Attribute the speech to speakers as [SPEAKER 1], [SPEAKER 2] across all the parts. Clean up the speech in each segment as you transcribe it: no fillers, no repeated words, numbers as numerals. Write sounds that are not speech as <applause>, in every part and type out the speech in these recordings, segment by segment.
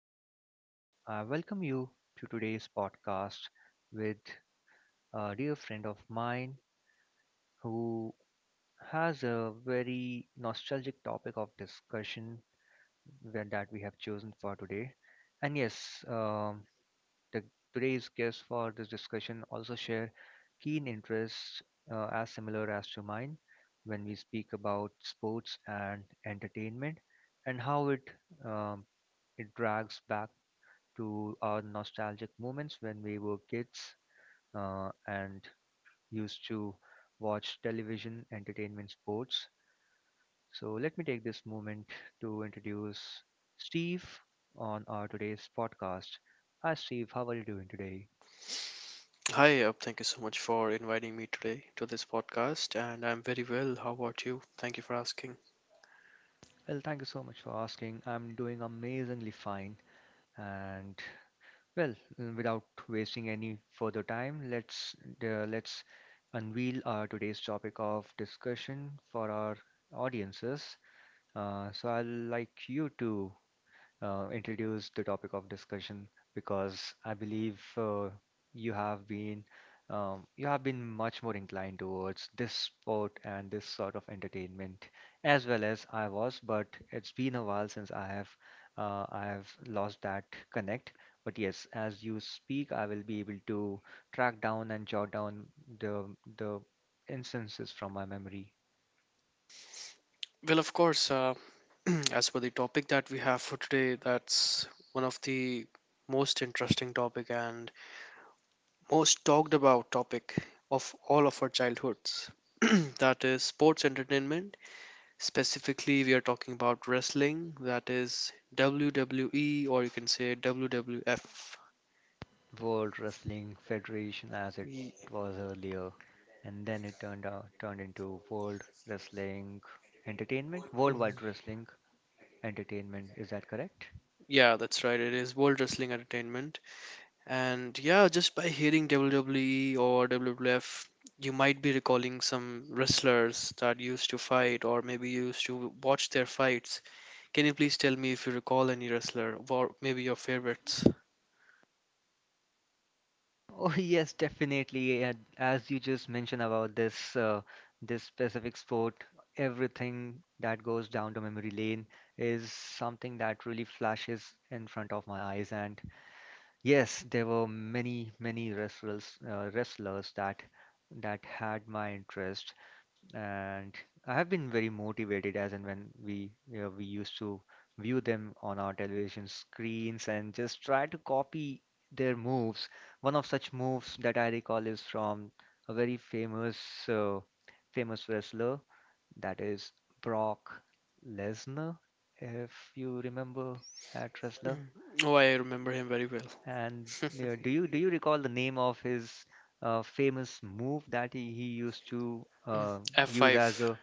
[SPEAKER 1] and I welcome you to today's podcast with a dear friend of mine who has a very nostalgic topic of discussion that we have chosen for today. And yes, um, the, today's guest for this discussion also share keen interests as similar as to mine when we speak about sports and entertainment, and how it um, it drags back to our nostalgic moments when we were kids, and used to watch television, entertainment, sports. So let me take this moment to introduce Steve on our today's podcast. Hi, Steve. How are you doing today?
[SPEAKER 2] Hi, Ab. Thank you so much for inviting me today to this podcast, and I'm very well. How about you? Thank you for asking.
[SPEAKER 1] Well, thank you so much for asking. I'm doing amazingly fine, and well, without wasting any further time, let's unveil our today's topic of discussion for our audiences. So I'd like you to introduce the topic of discussion because I believe you have been you have been much more inclined towards this sport and this sort of entertainment as well as I was, but it's been a while since I have lost that connect. But yes, as you speak, I will be able to track down and jot down the the instances from my memory.
[SPEAKER 2] Well, of course, <clears throat> as for the topic that we have for today, that's one of the most interesting topic and most talked about topic of all of our childhoods. <clears throat> That is sports entertainment. Specifically, we are talking about wrestling, that is WWE, or you can say WWF.
[SPEAKER 1] World Wrestling Federation, as it was earlier, and then it turned into World Wrestling Entertainment,
[SPEAKER 2] Mhm.
[SPEAKER 1] Worldwide Wrestling Entertainment. Is that correct?
[SPEAKER 2] Yeah, that's right. It is World Wrestling Entertainment. And yeah, just by hearing WWE or WWF, you might be recalling some wrestlers that used to fight or maybe used to watch their fights. Can you please tell me if you recall any wrestler or maybe your favorites?
[SPEAKER 1] Oh <laughs> yes, definitely. And as you just mentioned about this specific sport, everything that goes down to memory lane is something that really flashes in front of my eyes. And yes, there were many, many wrestlers, wrestlers that had my interest, and I have been very motivated as and when we used to view them on our television screens and just try to copy their moves. One of such moves that I recall is from a very famous uh, famous wrestler, that is Brock Lesnar, if you remember that wrestler.
[SPEAKER 2] Mm. Oh, I remember him very well.
[SPEAKER 1] And
[SPEAKER 2] <laughs>
[SPEAKER 1] you know, do you recall the name of his famous move that he used to
[SPEAKER 2] Mm.
[SPEAKER 1] use as
[SPEAKER 2] F5.
[SPEAKER 1] a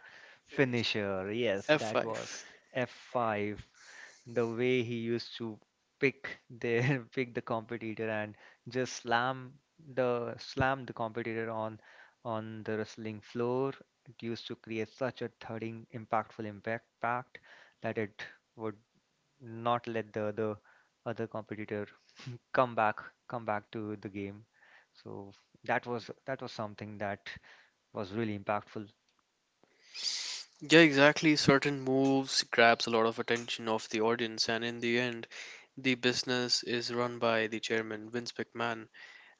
[SPEAKER 1] finisher? Yes, that
[SPEAKER 2] F5.
[SPEAKER 1] was F5. The way he used to pick their <laughs> pick the competitor and just slam the competitor on the wrestling floor. It used to create such a thudding, impact pact that it would not let the other other competitor come back come back to the game. So that was something that was really impactful.
[SPEAKER 2] Yeah, exactly. Certain moves grabs a lot of attention of the audience, and in the end, the business is run by the chairman, Vince McMahon.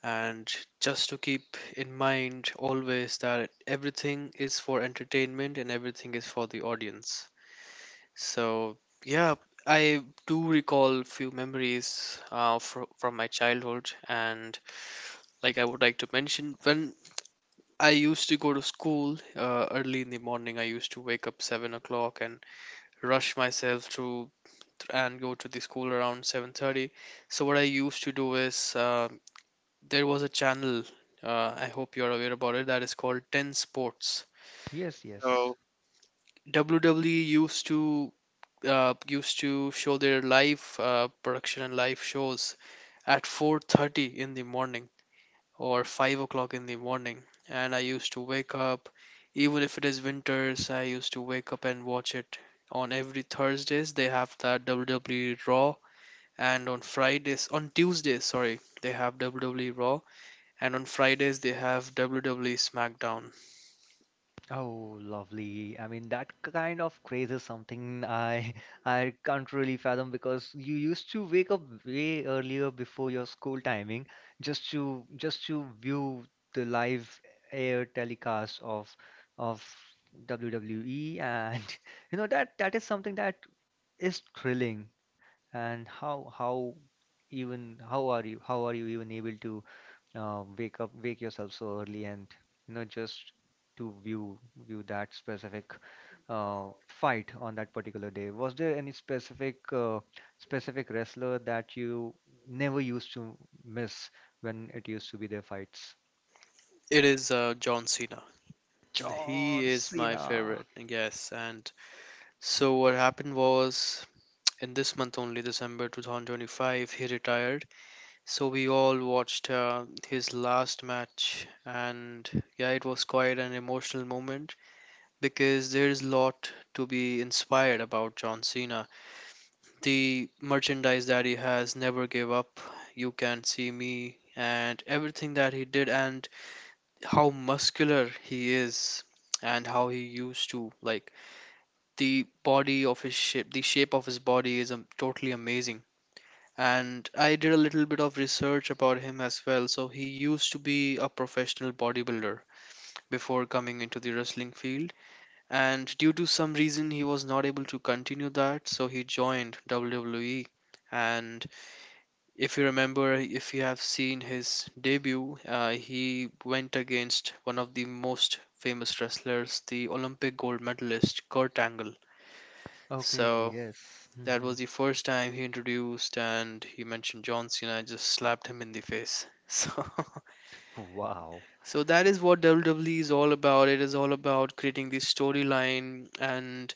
[SPEAKER 2] And just to keep in mind always that everything is for entertainment and everything is for the audience. So yeah, I do recall few memories from my childhood, and like I would like to mention when I used to go to school early in the morning. I used to wake up 7 o'clock and rush myself to and go to the school around 7:30. So what I used to do is, there was a channel, I hope you're aware about it, that is called 10 Sports.
[SPEAKER 1] Yes, yes.
[SPEAKER 2] So WWE used to show their live production and live shows at 4:30 in the morning or 5 o'clock in the morning, and I used to wake up. Even if it is winters, I used to wake up and watch it. On every Thursdays they have that WWE Raw, and on Fridays, on Tuesdays, sorry, they have WWE Raw, and on Fridays they have WWE SmackDown.
[SPEAKER 1] Oh, lovely. I mean, that kind of craze is something I <laughs> I can't really fathom, because you used to wake up way earlier before your school timing, just to view the live air telecast of WWE. And <laughs> you know, that is something that is thrilling. And how even how are you even able to wake yourself so early, and you know, just to view that specific fight on that particular day? Was there any specific specific wrestler that you never used to miss when it used to be their fights?
[SPEAKER 2] It is John Cena. He
[SPEAKER 1] John
[SPEAKER 2] is my
[SPEAKER 1] Cena.
[SPEAKER 2] favorite, I guess. And so what happened was, in this month only, December 2025, he retired. So we all watched his last match, and yeah, it was quite an emotional moment because there is a lot to be inspired about John Cena. The merchandise that he has, never gave up. You can see me, and everything that he did, and how muscular he is, and how he used to like the body of his shape, the shape of his body is totally amazing. And I did a little bit of research about him as well. So he used to be a professional bodybuilder before coming into the wrestling field, and due to some reason he was not able to continue that, so he joined WWE. And if you remember, if you have seen his debut, he went against one of the most famous wrestlers, the Olympic gold medalist Kurt Angle.
[SPEAKER 1] Okay,
[SPEAKER 2] So
[SPEAKER 1] yes.
[SPEAKER 2] that
[SPEAKER 1] Hmm.
[SPEAKER 2] was the first time he introduced, and he mentioned John Cena. I just slapped him in the face. <laughs> So,
[SPEAKER 1] Wow.
[SPEAKER 2] so that is what WWE is all about. It is all about creating the storyline and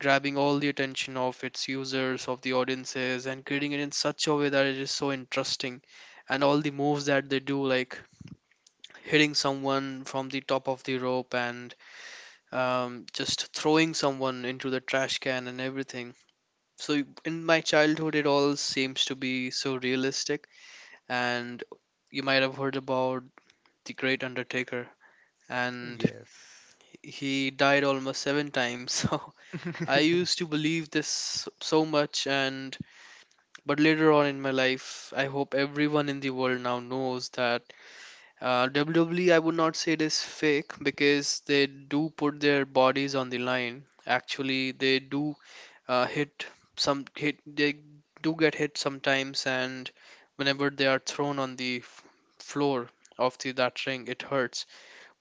[SPEAKER 2] grabbing all the attention of its users, of the audiences, and creating it in such a way that it is so interesting. And all the moves that they do, like hitting someone from the top of the rope and just throwing someone into the trash can and everything. So, in my childhood, it all seems to be so realistic. And you might have heard about the Great Undertaker, and
[SPEAKER 1] Yes.
[SPEAKER 2] he died almost seven times. <laughs> So, I used
[SPEAKER 1] <laughs>
[SPEAKER 2] to believe this so much, and but later on in my life, I hope everyone in the world now knows that, WWE, I would not say it is fake, because they do put their bodies on the line. Actually, they do hit some hit. They do get hit sometimes, and whenever they are thrown on the floor of the that ring, it hurts.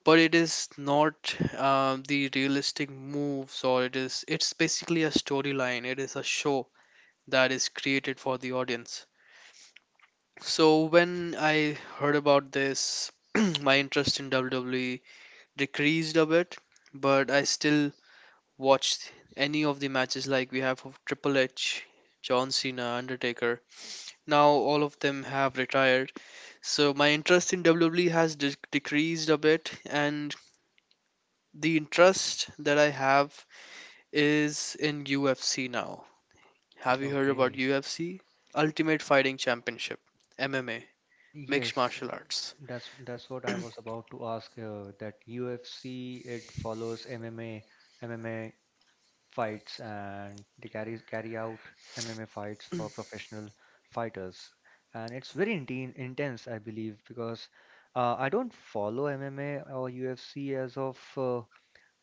[SPEAKER 2] But it is not, the realistic moves, or it is. It's basically a storyline. It is a show that is created for the audience. So when I heard about this, <clears throat> my interest in WWE decreased a bit, but I still watched any of the matches, like we have of Triple H, John Cena, Undertaker. Now all of them have retired, so my interest in WWE has decreased a bit, and the interest that I have is in UFC now. Have you heard about
[SPEAKER 1] Okay.
[SPEAKER 2] UFC? Ultimate Fighting Championship, MMA, mixed
[SPEAKER 1] Yes,
[SPEAKER 2] martial arts.
[SPEAKER 1] that's what I was about to ask. That UFC, it follows MMA fights, and they carry out MMA fights for professional fighters, and it's very intense, I believe. Because I don't follow MMA or UFC as of uh,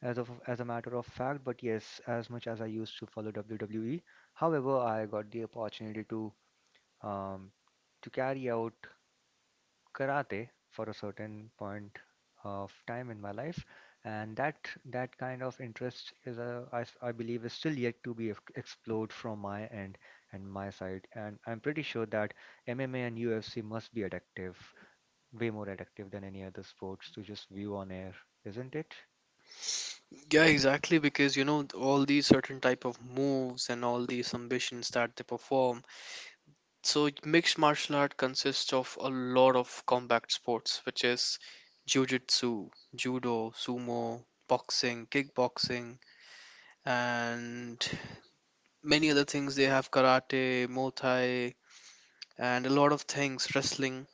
[SPEAKER 1] as of as a matter of fact, but yes, as much as I used to follow WWE. However, I got the opportunity um, to carry out karate for a certain point of time in my life, and that kind of interest is a, I, s- I believe, is still yet to be explored from my end and my side. And I'm pretty sure that MMA and UFC must be addictive, way more addictive than any other sports to just view on air, isn't it?
[SPEAKER 2] Yeah, exactly. Because you know all these certain type of moves and all these ambitions that they perform. So mixed martial art consists of a lot of combat sports, which is jujitsu, judo, sumo, boxing, kickboxing, and many other things. They have karate, muay thai, and a lot of things. Wrestling.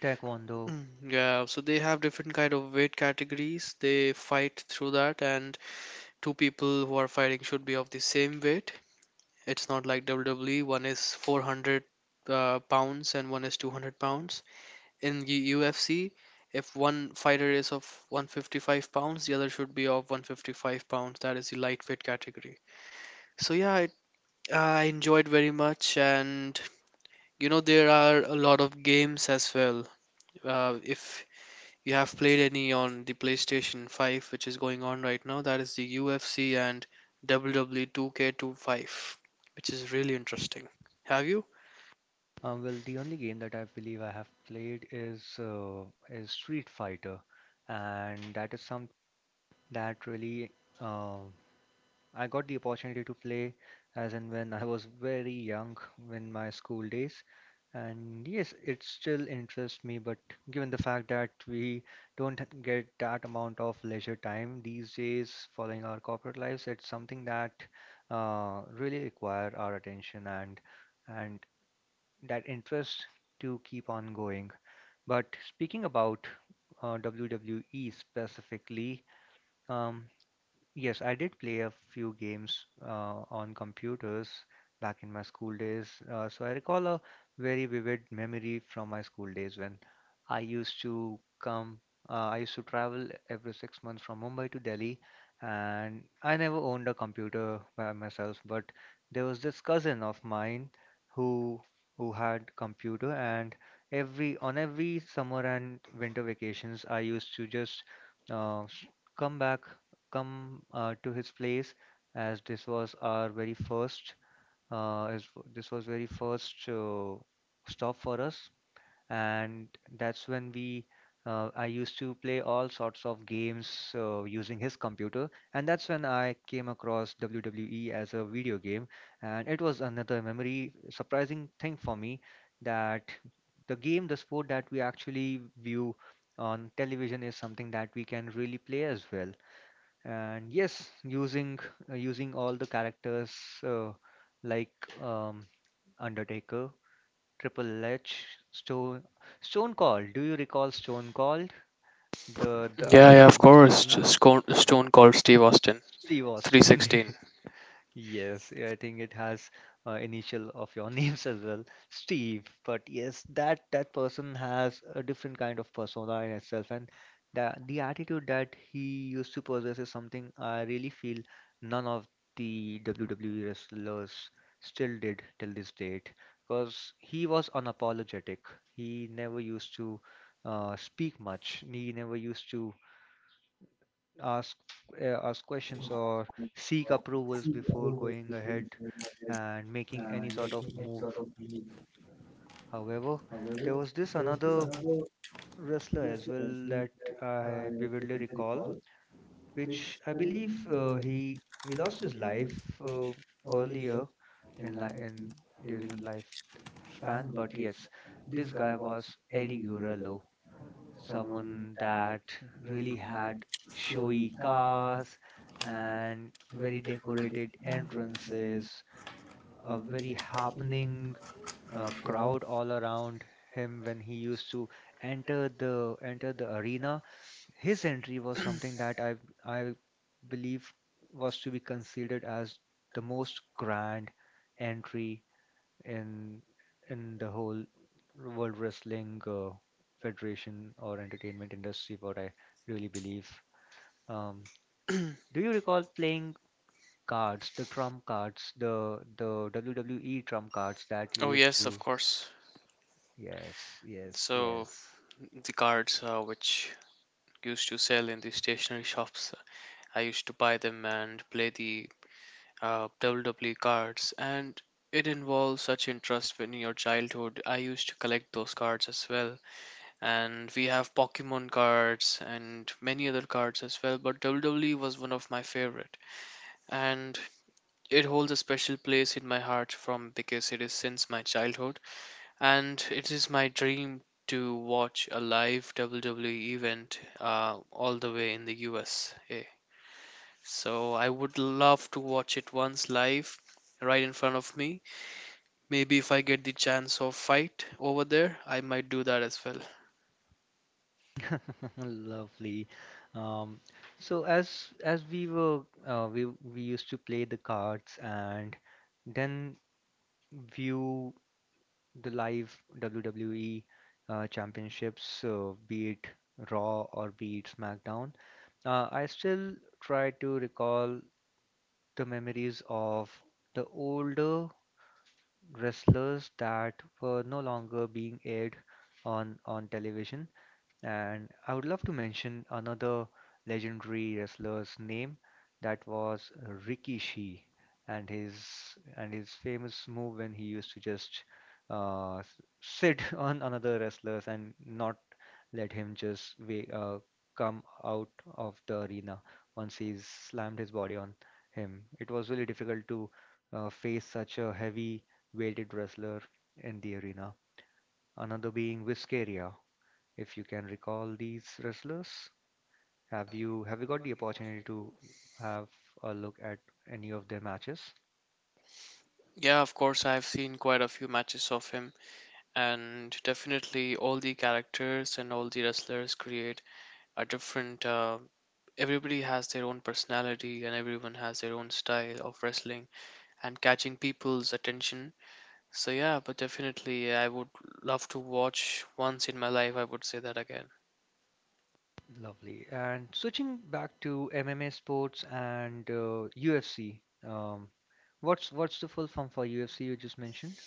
[SPEAKER 1] Taekwondo.
[SPEAKER 2] Mm, yeah. So they have different kind of weight categories. They fight through that, and two people who are fighting should be of the same weight. It's not like WWE. One is 400 pounds and one is 200 pounds. In the UFC, if one fighter is of 155 pounds, the other should be of 155 pounds. That is the lightweight category. So yeah, I enjoyed very much, and you know there are a lot of games as well. If you have played any on the PlayStation 5, which is going on right now, that is the UFC and WWE 2K25, which is really interesting. Have you?
[SPEAKER 1] Well, the only game that I believe I have played is Street Fighter, and that is some that really, uh, I got the opportunity to play as and when I was very young in my school days. And yes, it still interests me, but given the fact that we don't get that amount of leisure time these days following our corporate lives, it's something that really require our attention and and that interest to keep on going. But speaking about WWE specifically, um, yes, I did play a few games on computers back in my school days. So I recall a very vivid memory from my school days when I used to come, I used to travel every 6 months from Mumbai to Delhi, and I never owned a computer by myself. But there was this cousin of mine who who had computer, and every summer and winter vacations, I used to just s- come back come to his place, as uh, as this was very first stop for us. And that's when we I used to play all sorts of games using his computer, and that's when I came across WWE as a video game. And it was another memory surprising thing for me that the game the sport that we actually view on television is something that we can really play as well. And yes, using using all the characters, uh, like um, Undertaker, Triple H, Stone Cold. Do you recall Stone Cold, the
[SPEAKER 2] Yeah, yeah,
[SPEAKER 1] another
[SPEAKER 2] of
[SPEAKER 1] muscular
[SPEAKER 2] course.
[SPEAKER 1] man?
[SPEAKER 2] Just Stone Cold Steve Austin,
[SPEAKER 1] Steve Austin.
[SPEAKER 2] 316.
[SPEAKER 1] <laughs> Yes, I think it has initial of your <laughs> names as well, Steve. But yes, that that person has a different kind of persona in itself, and the attitude that he used to possess is something I really feel none of the WWE wrestlers still did till this date, because he was unapologetic. He never used to speak much. He never used to ask ask questions or seek approvals before going ahead and making any sort of move. However, there was this another wrestler as well that I vividly recall, which I believe he lost his life uh, earlier in li in during his life span. But yes, this guy was Eddie Guerrero. Someone that really had showy cars and very decorated entrances, a very happening crowd all around him when he used to enter the arena. His entry was something that I believe was to be considered as the most grand entry in the whole World Wrestling Federation or Entertainment industry, what I really believe. Um, do you recall playing cards, the trump cards, the WWE trump cards that
[SPEAKER 2] Oh
[SPEAKER 1] you used
[SPEAKER 2] yes, of
[SPEAKER 1] to?
[SPEAKER 2] course.
[SPEAKER 1] Yes, yes,
[SPEAKER 2] So
[SPEAKER 1] yes.
[SPEAKER 2] the cards, which used to sell in the stationery shops, I used to buy them and play the, WWE cards, and it involves such interest when in your childhood. I used to collect those cards as well, and we have Pokemon cards and many other cards as well. But WWE was one of my favorite, and it holds a special place in my heart, from because it is since my childhood, and it is my dream to watch a live WWE event, all the way in the USA. So I would love to watch it once live right in front of me. Maybe if I get the chance of fight over there, I might do that as well.
[SPEAKER 1] <laughs> Lovely. Um, so as we were uh, we we used to play the cards and then view the live WWE championships, be it Raw or be it SmackDown. Uh, I still try to recall the memories of the older wrestlers that were no longer being aired on television. And I would love to mention another legendary wrestler's name, that was Rikishi, and his famous move when he used to just sit <laughs> on another wrestlers and not let him just come out of the arena once he slammed his body on him. It was really difficult to face such a heavy weighted wrestler in the arena. Another being Whiskeria, if you can recall these wrestlers. Have you got the opportunity to have a look at any of their matches?
[SPEAKER 2] Yeah, of course, I've seen quite a few matches of him, and definitely all the characters and all the wrestlers create a different. Everybody has their own personality, and everyone has their own style of wrestling and catching people's attention. So yeah, but definitely I would love to watch once in my life. I would say that again.
[SPEAKER 1] Lovely. And switching back to MMA sports and UFC, um, what's the full form for UFC you just mentioned?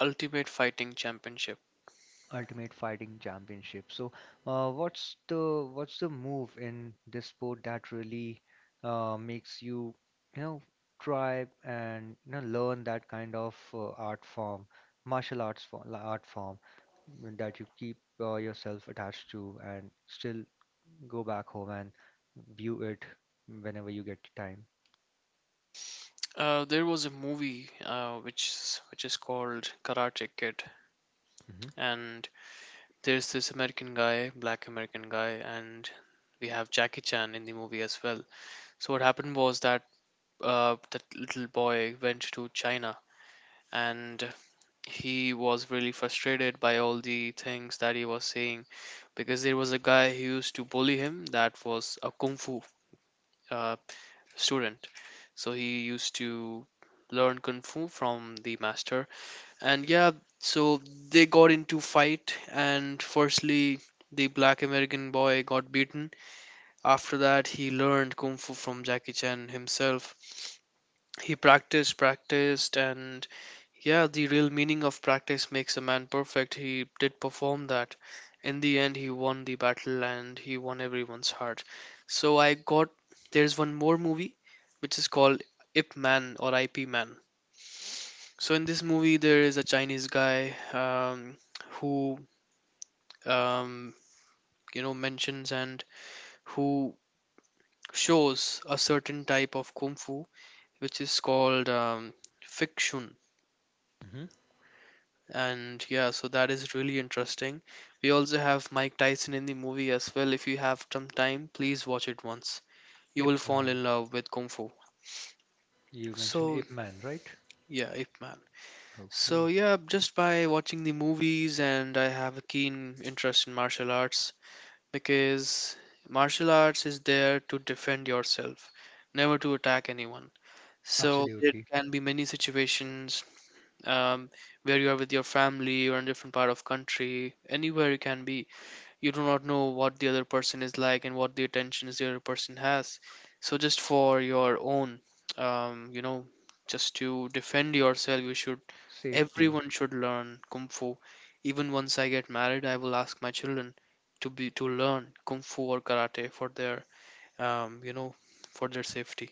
[SPEAKER 2] Ultimate Fighting Championship.
[SPEAKER 1] Ultimate Fighting Championship. So, what's the move in this sport that really makes you, you know, try and you know learn that kind of martial arts form, art form that you keep yourself attached to and still go back home and view it whenever you get time.
[SPEAKER 2] There was a movie which is called Karate Kid,
[SPEAKER 1] Hmm.
[SPEAKER 2] and there's this American guy, black American guy, and we have Jackie Chan in the movie as well. So what happened was that, that little boy went to China, and he was really frustrated by all the things that he was saying, because there was a guy who used to bully him, that was a kung fu, uh, student. So he used to learn kung fu from the master, and yeah, so they got into fight, and firstly the black American boy got beaten. After that he learned kung fu from Jackie Chan himself. He practiced and yeah, the real meaning of practice makes a man perfect. He did perform that. In the end, he won the battle and he won everyone's heart. So I got, there's one more movie which is called Ip Man or IP Man. So in this movie, there is a Chinese guy, who, um, you know, mentions, and who shows a certain type of kung fu which is called, fiction.
[SPEAKER 1] Hmm.
[SPEAKER 2] And yeah, so that is really interesting. We also have Mike Tyson in the movie as well. If you have some time, please watch it once. You will
[SPEAKER 1] Ip
[SPEAKER 2] fall
[SPEAKER 1] Man,
[SPEAKER 2] in love with kung fu.
[SPEAKER 1] you mentioned
[SPEAKER 2] So
[SPEAKER 1] Ip Man, right?
[SPEAKER 2] yeah, Ip Man. So
[SPEAKER 1] Okay,
[SPEAKER 2] yeah, just by watching the movies, and I have a keen interest in martial arts, because martial arts is there to defend yourself, never to attack anyone. So there
[SPEAKER 1] absolutely.
[SPEAKER 2] can be many situations, um, where you are with your family, or in different part of country, anywhere you can be. You do not know what the other person is like and what the attentions the other person has. So just for your own, um, you know just to defend yourself, you should,
[SPEAKER 1] Safety.
[SPEAKER 2] everyone should learn kung fu. Even once I get married, I will ask my children to learn kung fu or karate for their, um, you know for their safety.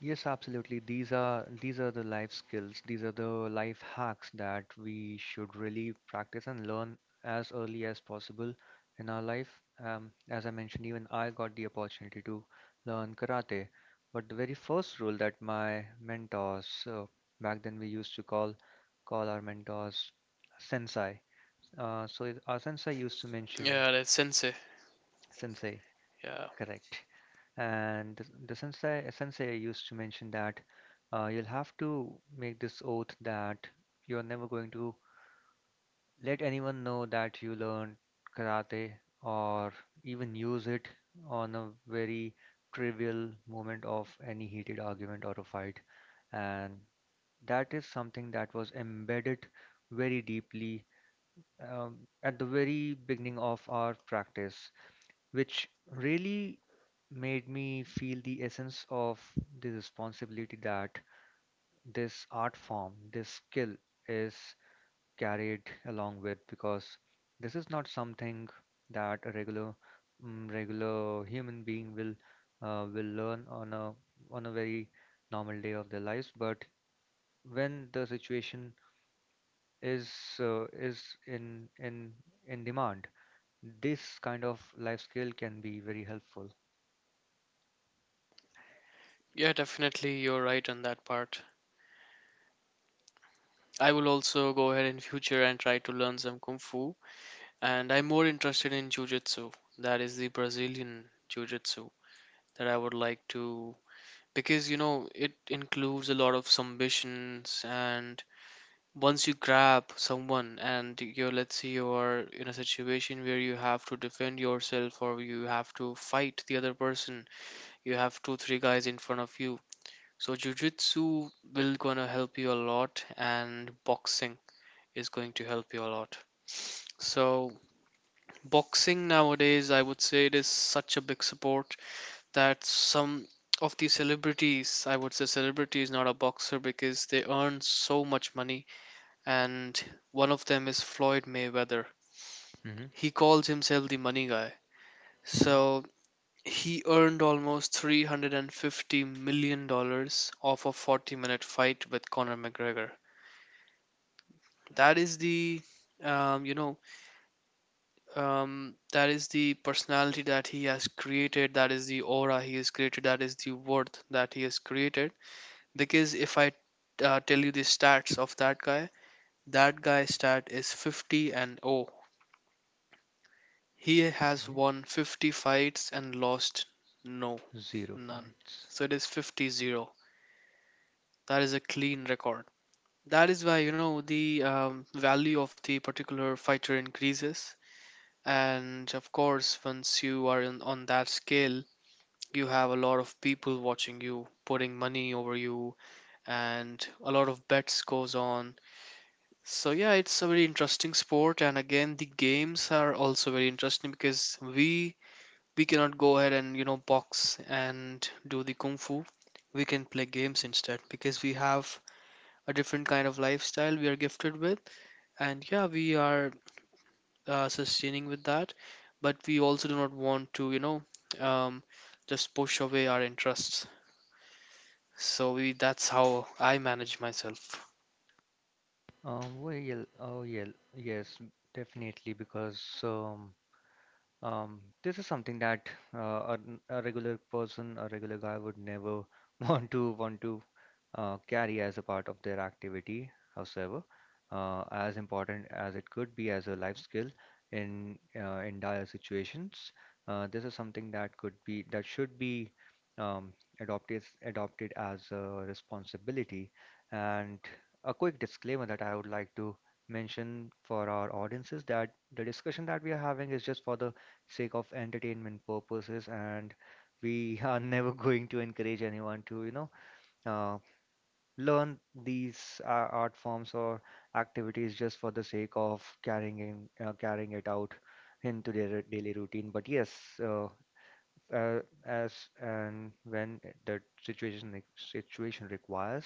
[SPEAKER 1] Yes, absolutely. These are the life skills. These are the life hacks that we should really practice and learn as early as possible in our life. As I mentioned, even I got the opportunity to learn karate. But the very first rule that my mentors, back then we used to call our mentors sensei. Our sensei used to mention
[SPEAKER 2] Yeah, that's sensei.
[SPEAKER 1] sensei,
[SPEAKER 2] Yeah,
[SPEAKER 1] correct? And sensei used to mention that you'll have to make this oath that you're never going to let anyone know that you learned karate, or even use it on a very trivial moment of any heated argument or a fight. And that is something that was embedded very deeply, um, at the very beginning of our practice, which really made me feel the essence of the responsibility that this art form, this skill is carried along with, because this is not something that a regular, regular human being will, will learn on a very normal day of their lives. But when the situation is, uh, is in in in demand, this kind of life skill can be very helpful.
[SPEAKER 2] yeah, definitely, you're right on that part. I will also go ahead in future and try to learn some kung fu. And I'm more interested in Jiu-Jitsu. That is the Brazilian Jiu-Jitsu that I would like to, because it includes a lot of submissions. And once you grab someone and you're, let's say you're in a situation where you have to defend yourself or you have to fight the other person, you have two, three guys in front of you. So Jiu-Jitsu will gonna help you a lot, and boxing is going to help you a lot. So boxing nowadays, I would say, it is such a big support that some of the celebrities, I would say celebrity is not a boxer because they earn so much money. And one of them is Floyd Mayweather.
[SPEAKER 1] Hmm.
[SPEAKER 2] He calls himself the money guy.
[SPEAKER 1] Hmm.
[SPEAKER 2] So he earned almost $350 million dollars off a 40-minute fight with Conor McGregor. That is the, um, you know, that is the personality that he has created, that is the aura he has created, that is the worth that he has created. Because if I tell you the stats of that guy, that guy's stat is 50-0. He has won 50 fights and lost, no,
[SPEAKER 1] Zero
[SPEAKER 2] none.
[SPEAKER 1] fights.
[SPEAKER 2] So it is 50-0. That is a clean record. That is why, you know, the value of the particular fighter increases. And of course, once you are in, on that scale, you have a lot of people watching you, putting money over you, and a lot of bets goes on. So yeah, it's a very interesting sport. And again, the games are also very interesting, because we cannot go ahead and, you know, box and do the kung fu. We can play games instead, because we have a different kind of lifestyle we are gifted with. And yeah, we are sustaining with that. But we also do not want to, um, just push away our interests. So that's how I manage myself.
[SPEAKER 1] Well, yeah, oh, yeah, yes, definitely, because this is something that, uh, a a regular person, a regular guy would never <laughs> want to carry as a part of their activity. However, as important as it could be as a life skill in, in dire situations, this is something that could be that should be, um, adopted as a responsibility. And a quick disclaimer that I would like to mention for our audiences: that the discussion that we are having is just for the sake of entertainment purposes, and we <laughs> are never going to encourage anyone to, you know, uh, learn these, art forms or activities just for the sake of carrying it out into their daily routine. But yes, uh, uh, as and when the situation requires,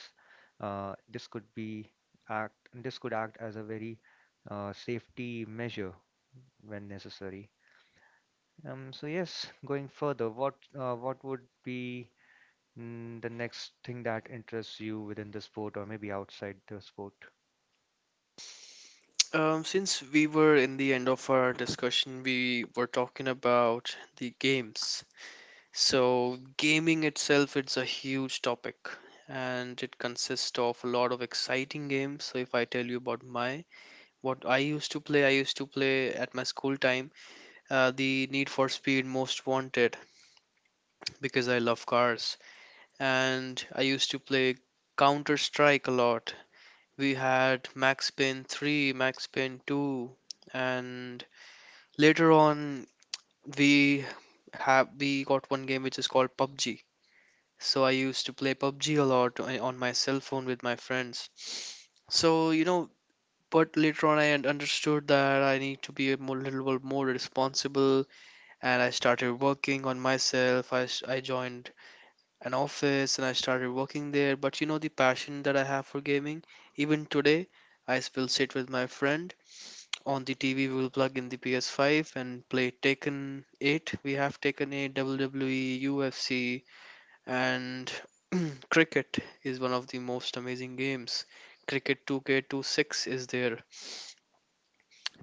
[SPEAKER 1] this could act as a very, safety measure when necessary. So yes, going further, what, what would be, the next thing that interests you within the sport or maybe outside the sport?
[SPEAKER 2] Since we were in the end of our discussion, we were talking about the games. So, gaming itself, it's a huge topic, and it consists of a lot of exciting games. So, if I tell you about my, what I used to play, I used to play at my school time the Need for Speed Most Wanted, because I love cars. And I used to play Counter Strike a lot. We had Max Payne 3, Max Payne 2, and later on we we got one game which is called PUBG. So I used to play PUBG a lot on my cell phone with my friends. So, you know, but later on I understood that I need to be a more, little bit more responsible, and I started working on myself. I joined an office and I started working there. But you know, the passion that I have for gaming, even today, I still sit with my friend. On the TV, we will plug in the PS5 and play Taken 8. We have Taken 8, WWE, UFC, and <clears throat> cricket is one of the most amazing games. Cricket 2K26 is there.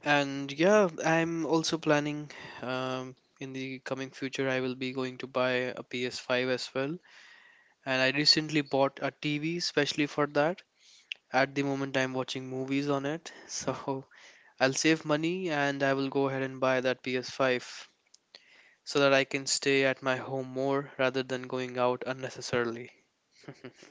[SPEAKER 2] And yeah, I'm also planning, in the coming future, I will be going to buy a PS5 as well. And I recently bought a TV specially for that. At the moment, I'm watching movies on it. <laughs> So I'll save money and I will go ahead and buy that PS5, so that I can stay at my home more rather than going out unnecessarily.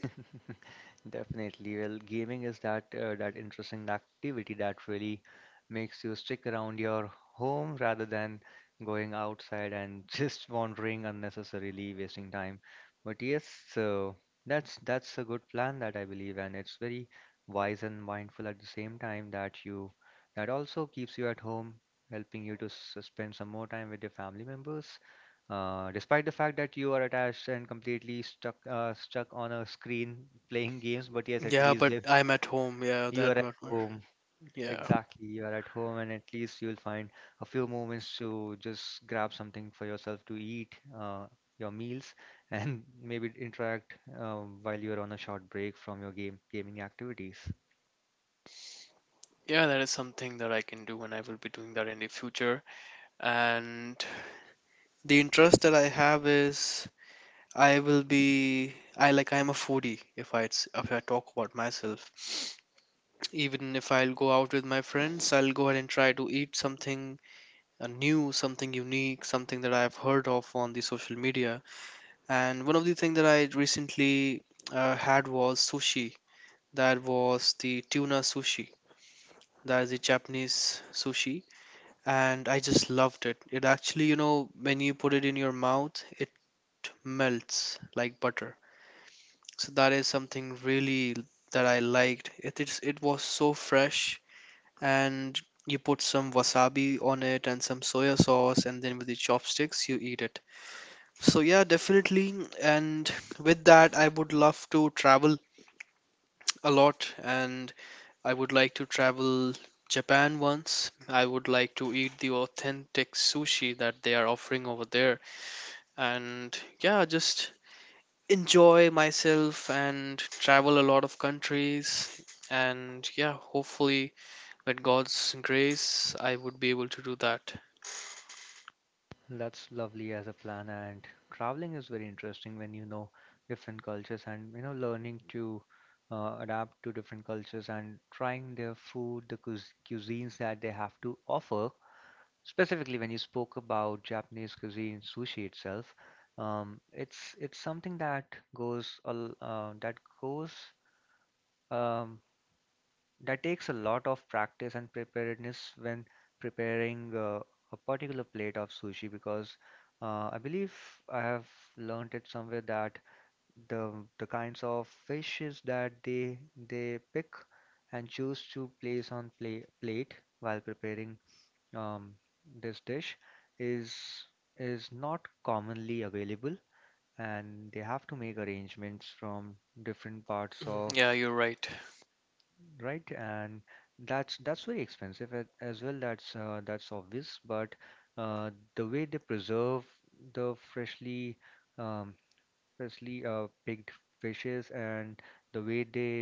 [SPEAKER 1] <laughs> Definitely. Well, gaming is that, that interesting activity that really makes you stick around your home rather than going outside and <laughs> just wandering unnecessarily, wasting time. But yes, so that's a good plan, that I believe, and it's very wise and mindful at the same time, that you that also keeps you at home, helping you to s- spend some more time with your family members. Despite the fact that you are attached and completely stuck on a screen playing games, but yes, at
[SPEAKER 2] Yeah,
[SPEAKER 1] least
[SPEAKER 2] but
[SPEAKER 1] if
[SPEAKER 2] I'm at home. Yeah,
[SPEAKER 1] you are
[SPEAKER 2] that
[SPEAKER 1] at
[SPEAKER 2] what more.
[SPEAKER 1] home,
[SPEAKER 2] Yeah.
[SPEAKER 1] exactly, you are at home, and at least you'll find a few moments to just grab something for yourself to eat, your meals, and <laughs> maybe interact, while you are on a short break from your game gaming activities.
[SPEAKER 2] Yeah, that is something that I can do, and I will be doing that in the future. And the interest that I have is, I will be I like I'm a foodie, if I talk about myself. Even if I'll go out with my friends, I'll go ahead and try to eat something, a new, something unique, something that I've heard of on the social media. And one of the things that I recently had was sushi. That was the tuna sushi, that is the Japanese sushi, and I just loved it. It actually, you know, when you put it in your mouth, it melts like butter. So that is something really that I liked. It is, it was so fresh. And you put some wasabi on it and some soya sauce, and then with the chopsticks you eat it. So yeah, definitely. And with that, I would love to travel a lot, and I would like to travel Japan once. I would like to eat the authentic sushi that they are offering over there, and yeah, just enjoy myself and travel a lot of countries. And yeah, hopefully, with God's grace, I would be able to do that.
[SPEAKER 1] That's lovely as a plan. And traveling is very interesting when you know different cultures, and you know learning to, adapt to different cultures and trying their food, the cuis- cuisines that they have to offer. Specifically, when you spoke about Japanese cuisine, sushi itself, it's something that goes, um, that takes a lot of practice and preparedness when preparing, a particular plate of sushi, because, I believe I have learned it somewhere that the the kinds of fishes that they pick and choose to place on play, plate, while preparing, um, this dish is is not commonly available, and they have to make arrangements from different parts
[SPEAKER 2] Mm,
[SPEAKER 1] of,
[SPEAKER 2] yeah, you're right.
[SPEAKER 1] right, and that's very expensive a- as well. That's, that's obvious, but, uh, the way they preserve the freshly, um, especially, picked fishes, and the way they,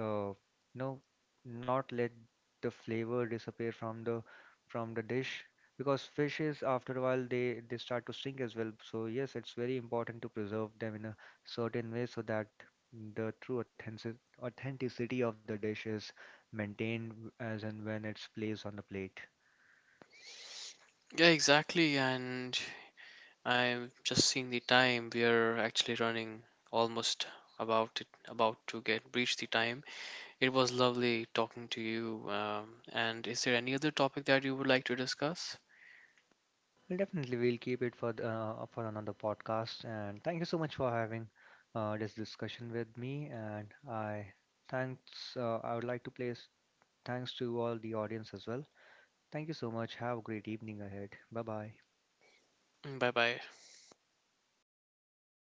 [SPEAKER 1] you know, not let the flavor disappear from the dish, because fishes after a while, they start to sink as well. So yes, it's very important to preserve them in a certain way, so that the true authenticity of the dish is maintained as and when it's placed on the plate.
[SPEAKER 2] Yeah, exactly. And I'm just seeing the time. We are actually running almost about to get reach the time. It was lovely talking to you. And is there any other topic that you would like to discuss?
[SPEAKER 1] Well, definitely, we'll keep it for the, for another podcast. And thank you so much for having, this discussion with me. And I thanks. I would like to place thanks to all the audience as well. Thank you so much. Have a great evening ahead. Bye bye.
[SPEAKER 2] Bye bye.